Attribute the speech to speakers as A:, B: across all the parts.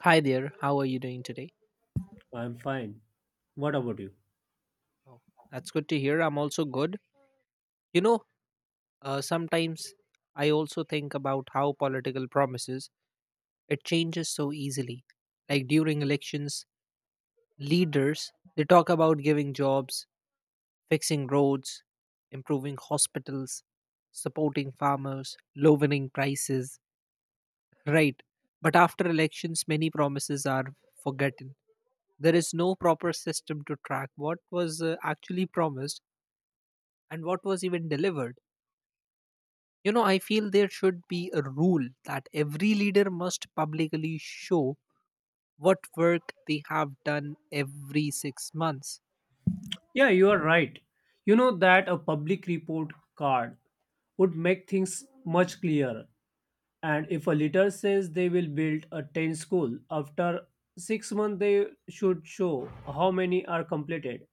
A: Hi there, how are you doing today?
B: I'm fine. What about you?
A: Oh, that's good to hear. I'm also good. You know, sometimes I also think about how political promises it changes so easily. Like during elections, leaders they talk about giving jobs, fixing roads, improving hospitals, supporting farmers, lowering prices, right? But after elections, many promises are forgotten. There is no proper system to track what was actually promised and what was even delivered. You know, I feel there should be a rule that every leader must publicly show what work they have done every 6 months.
B: Yeah, you are right. You know that a public report card would make things much clearer. And if a leader says they will build a 10 school after 6 months, they should show how many are completed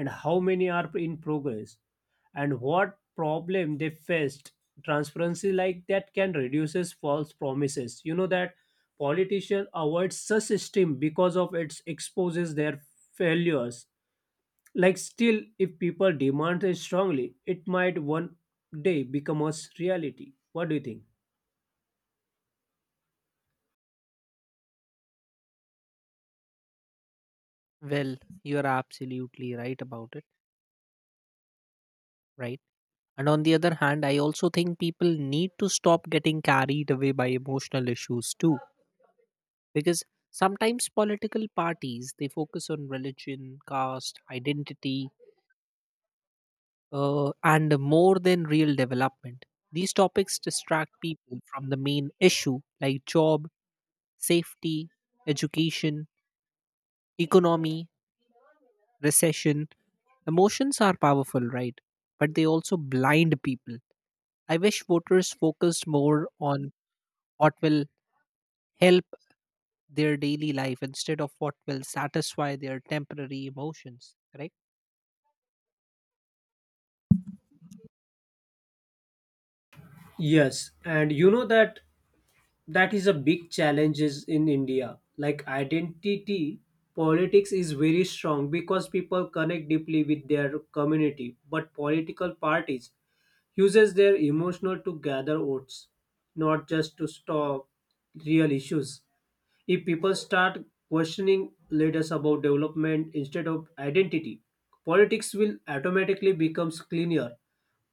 B: and how many are in progress and what problem they faced. Transparency like that can reduces false promises. You know that politicians avoid such system because of its exposes their failures. Like, still if people demand it strongly, it might one day become a reality. What do you think?
A: Well, you are absolutely right about it, right? And on the other hand, I also think people need to stop getting carried away by emotional issues too, because sometimes political parties they focus on religion, caste, identity, and more than real development. These topics distract people from the main issue like job, safety, education, economy, recession. Emotions are powerful, right? But they also blind people. I wish voters focused more on what will help their daily life instead of what will satisfy their temporary emotions, correct?
B: Yes, and you know that that is a big challenge is in India. Like, identity politics is very strong because people connect deeply with their community, but political parties uses their emotional to gather votes, not just to stop real issues. If people start questioning leaders about development instead of identity, politics will automatically becomes cleaner,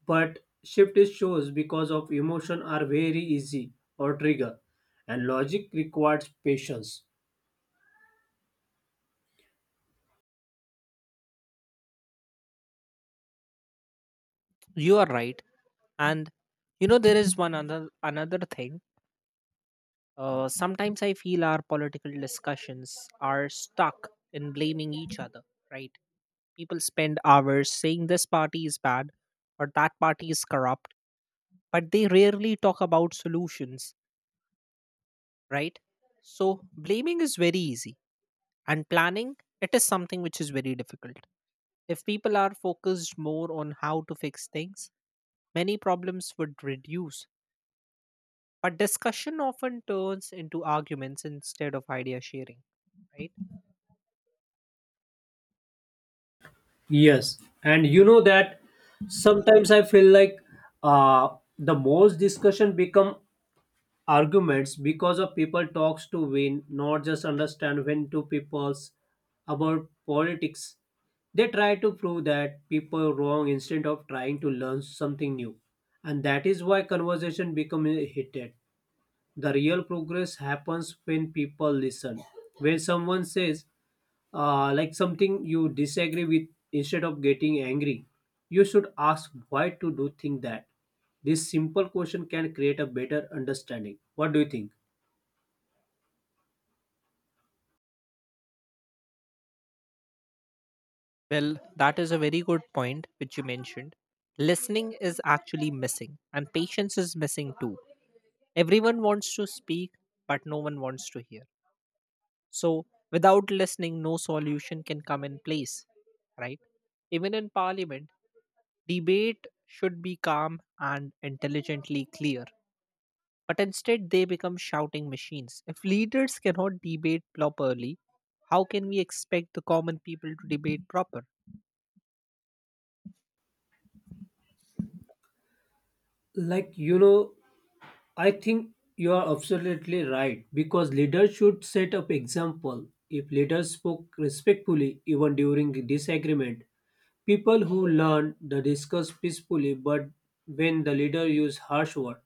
B: but shift is shows because of emotion are very easy or trigger, and logic requires patience.
A: You are right. And you know there is one other another thing. Sometimes I feel our political discussions are stuck in blaming each other, right? People spend hours saying this party is bad or that party is corrupt, but they rarely talk about solutions, right? So blaming is very easy, and planning, it is something which is very difficult. If people are focused more on how to fix things, many problems would reduce. But discussion often turns into arguments instead of idea sharing, right?
B: Yes, and you know that sometimes I feel like the most discussion become arguments because of people talks to win, not just understand when two people's about politics. They try to prove that people wrong instead of trying to learn something new, and that is why conversation become heated. The real progress happens when people listen. When someone says like something you disagree with, instead of getting angry you should ask why to do think that. This simple question can create a better understanding. What do you think?
A: Well, that is a very good point which you mentioned. Listening is actually missing, and patience is missing too. Everyone wants to speak, but no one wants to hear. So, without listening, no solution can come in place, right? Even in parliament, debate should be calm and intelligently clear, but instead they become shouting machines. If leaders cannot debate properly, how can we expect the common people to debate proper?
B: Like, you know, I think you are absolutely right because leaders should set up example. If leaders spoke respectfully even during disagreement, people who learn to discuss peacefully, but when the leader uses harsh words,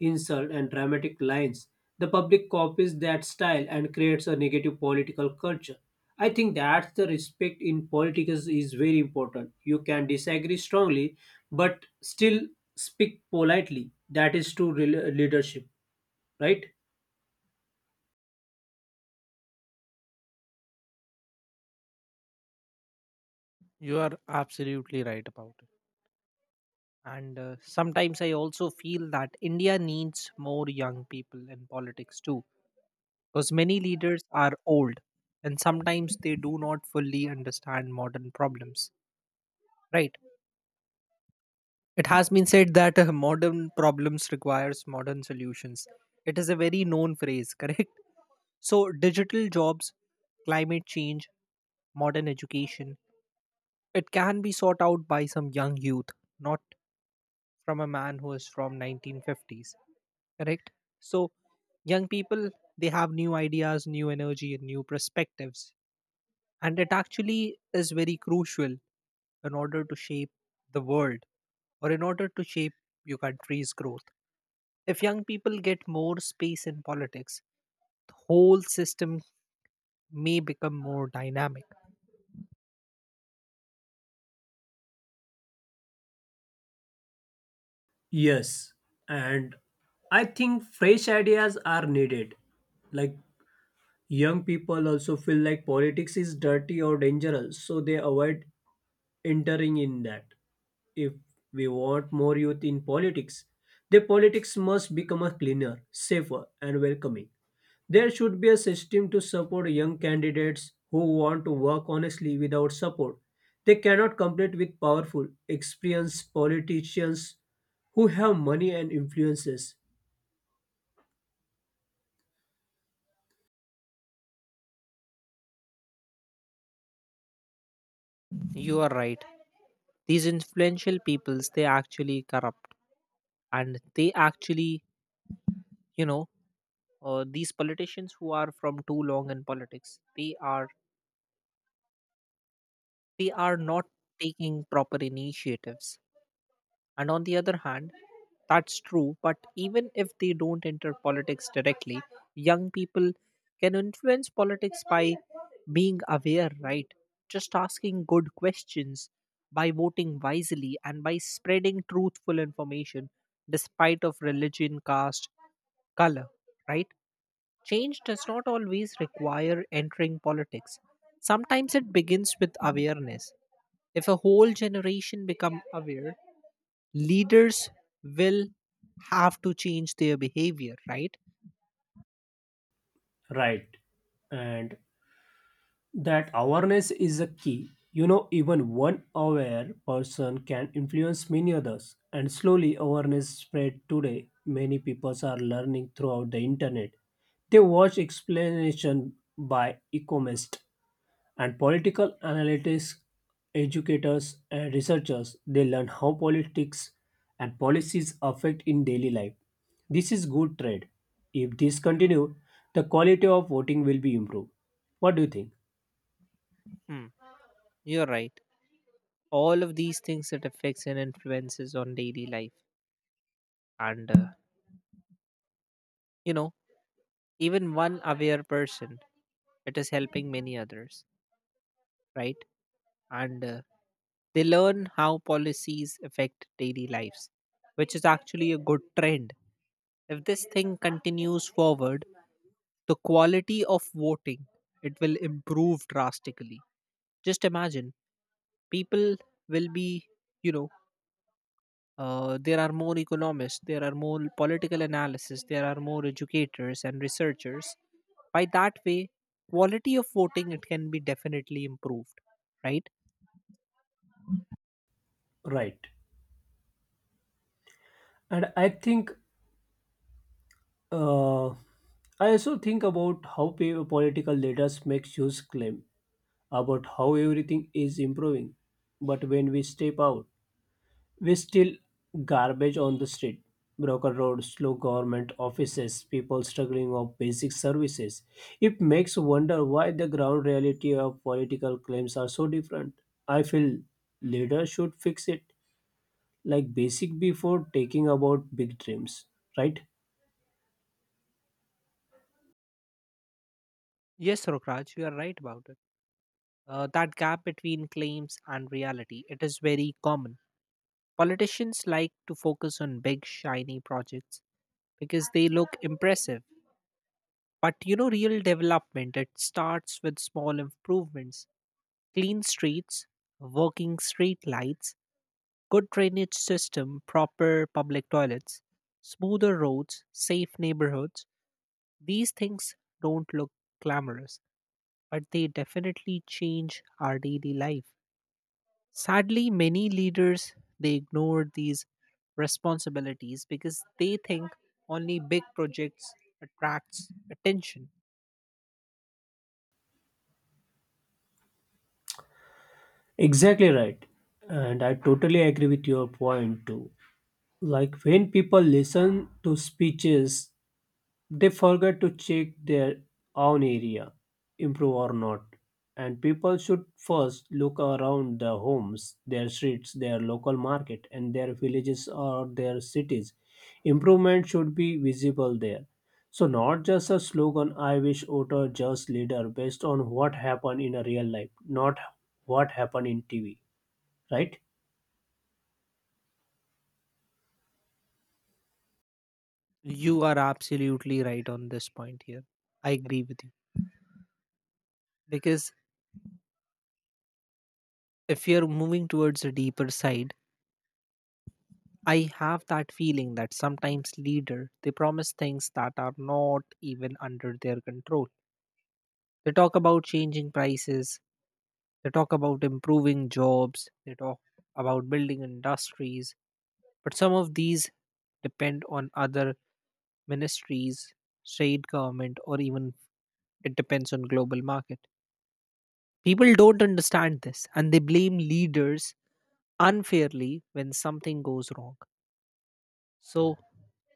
B: insult, and dramatic lines, the public copies that style and creates a negative political culture. I think that the respect in politics is very important. You can disagree strongly, but still speak politely. That is true leadership, right?
A: You are absolutely right about. And sometimes I also feel that India needs more young people in politics too, because many leaders are old and sometimes they do not fully understand modern problems. Right. It has been said that modern problems requires modern solutions. It is a very known phrase, correct? So digital jobs, climate change, modern education, it can be sought out by some young youth, not from a man who is from 1950s. Correct. So young people, they have new ideas, new energy, and new perspectives, and it actually is very crucial in order to shape the world, or in order to shape your country's growth. If young people get more space in politics, the whole system may become more dynamic.
B: Yes, and I think fresh ideas are needed. Like, young people also feel like politics is dirty or dangerous, so they avoid entering in that. If we want more youth in politics, the politics must become a cleaner, safer, and welcoming. There should be a system to support young candidates who want to work honestly without support. They cannot compete with powerful, experienced politicians who have money and influences.
A: You are right. These influential peoples they actually corrupt, and they actually, you know these politicians who are from too long in politics they are, we are not taking proper initiatives. And on the other hand, that's true, but even if they don't enter politics directly, young people can influence politics by being aware, right? Just asking good questions, by voting wisely, and by spreading truthful information despite of religion, caste, color, right? Change does not always require entering politics. Sometimes it begins with awareness. If a whole generation become aware, leaders will have to change their behavior, right?
B: Right. And that awareness is a key. You know, even one aware person can influence many others. And slowly, awareness spread today. Many people are learning throughout the internet. They watch explanation by economists and political analysts, educators and researchers. They learn how politics and policies affect in daily life. This is good trade. If this continue, the quality of voting will be improved. What do you think?
A: Hmm. You're right. All of these things that affects and influences on daily life, and you know, even one aware person, it is helping many others, right? And they learn how policies affect daily lives, which is actually a good trend. If this thing continues forward, the quality of voting it will improve drastically. Just imagine, people will be, you know there are more economists, there are more political analysis, there are more educators and researchers. By that way, quality of voting it can be definitely improved, right?
B: Right. And I think, I also think about how political leaders make huge claim about how everything is improving, but when we step out, we still garbage on the street, broken roads, slow government offices, people struggling of basic services. It makes wonder why the ground reality of political claims are so different. I feel leaders should fix it, like basic, before taking about big dreams, right?
A: Yes, rokraj, you are right about it. That gap between claims and reality it is very common. Politicians like to focus on big shiny projects because they look impressive. But you know, real development, it starts with small improvements, clean streets, working street lights, good drainage system, proper public toilets, smoother roads, safe neighborhoods. These things don't look glamorous, but they definitely change our daily life. Sadly, many leaders they ignore these responsibilities because they think only big projects attracts attention.
B: Exactly right. And I totally agree with your point too. Like, when people listen to speeches, they forget to check their own area, improve or not. And people should first look around their homes, their streets, their local market, and their villages or their cities. Improvement should be visible there. So, not just a slogan, I wish voter just leader based on what happened in a real life, not what happened in TV, right?
A: You are absolutely right on this point here. I agree with you. Because if you're moving towards a deeper side, I have that feeling that sometimes leader they promise things that are not even under their control. They talk about changing prices, they talk about improving jobs, they talk about building industries, but some of these depend on other ministries, state government, or even it depends on global market. People don't understand this and they blame leaders unfairly when something goes wrong. So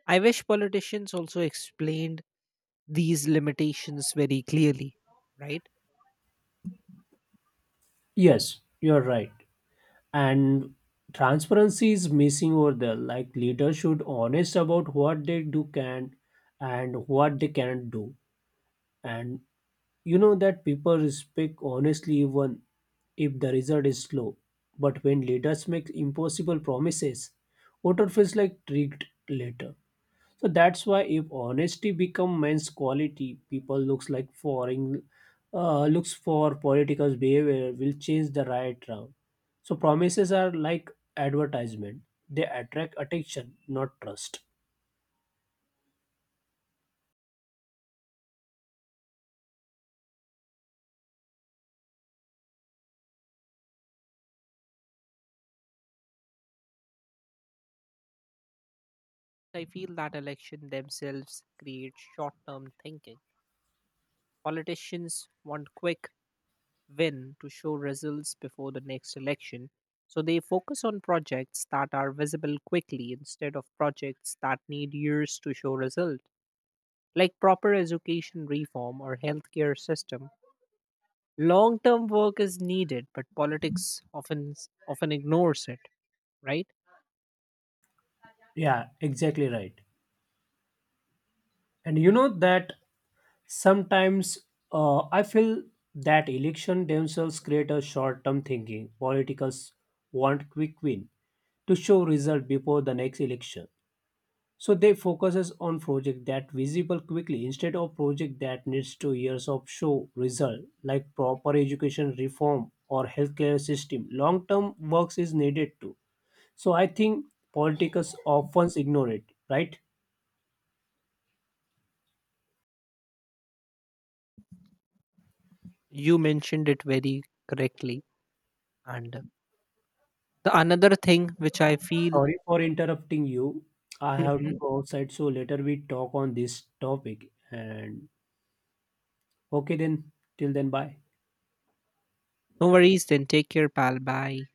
A: I wish politicians also explained these limitations very clearly, right?
B: Yes, you're right. And transparency is missing over there. Like, leaders should honest about what they do can and what they cannot do. And you know that people respect honestly even if the result is slow. But when leaders make impossible promises, voter feels like tricked later. So that's why if honesty become men's quality, people looks like foreign, looks for political behavior will change the right round. So promises are like advertisement. They attract attention, not trust.
A: I feel that election themselves create short-term thinking. Politicians want quick win to show results before the next election, so they focus on projects that are visible quickly instead of projects that need years to show results. Like proper education reform or healthcare system. Long-term work is needed, but politics often ignores it. Right?
B: Yeah, exactly right. And you know that sometimes, I feel that election themselves create a short-term thinking. Politicals want quick win to show result before the next election. So they focuses on project that visible quickly instead of project that needs 2 years of show result, like proper education reform or healthcare system. Long term works is needed too. So I think politicians often ignore it, right?
A: You mentioned it very correctly. And the another thing which I feel,
B: Sorry for interrupting you. I have to
A: mhm.
B: go outside, so later we talk on this topic. And okay, then till then, bye.
A: No worries. Then take care, pal. Bye.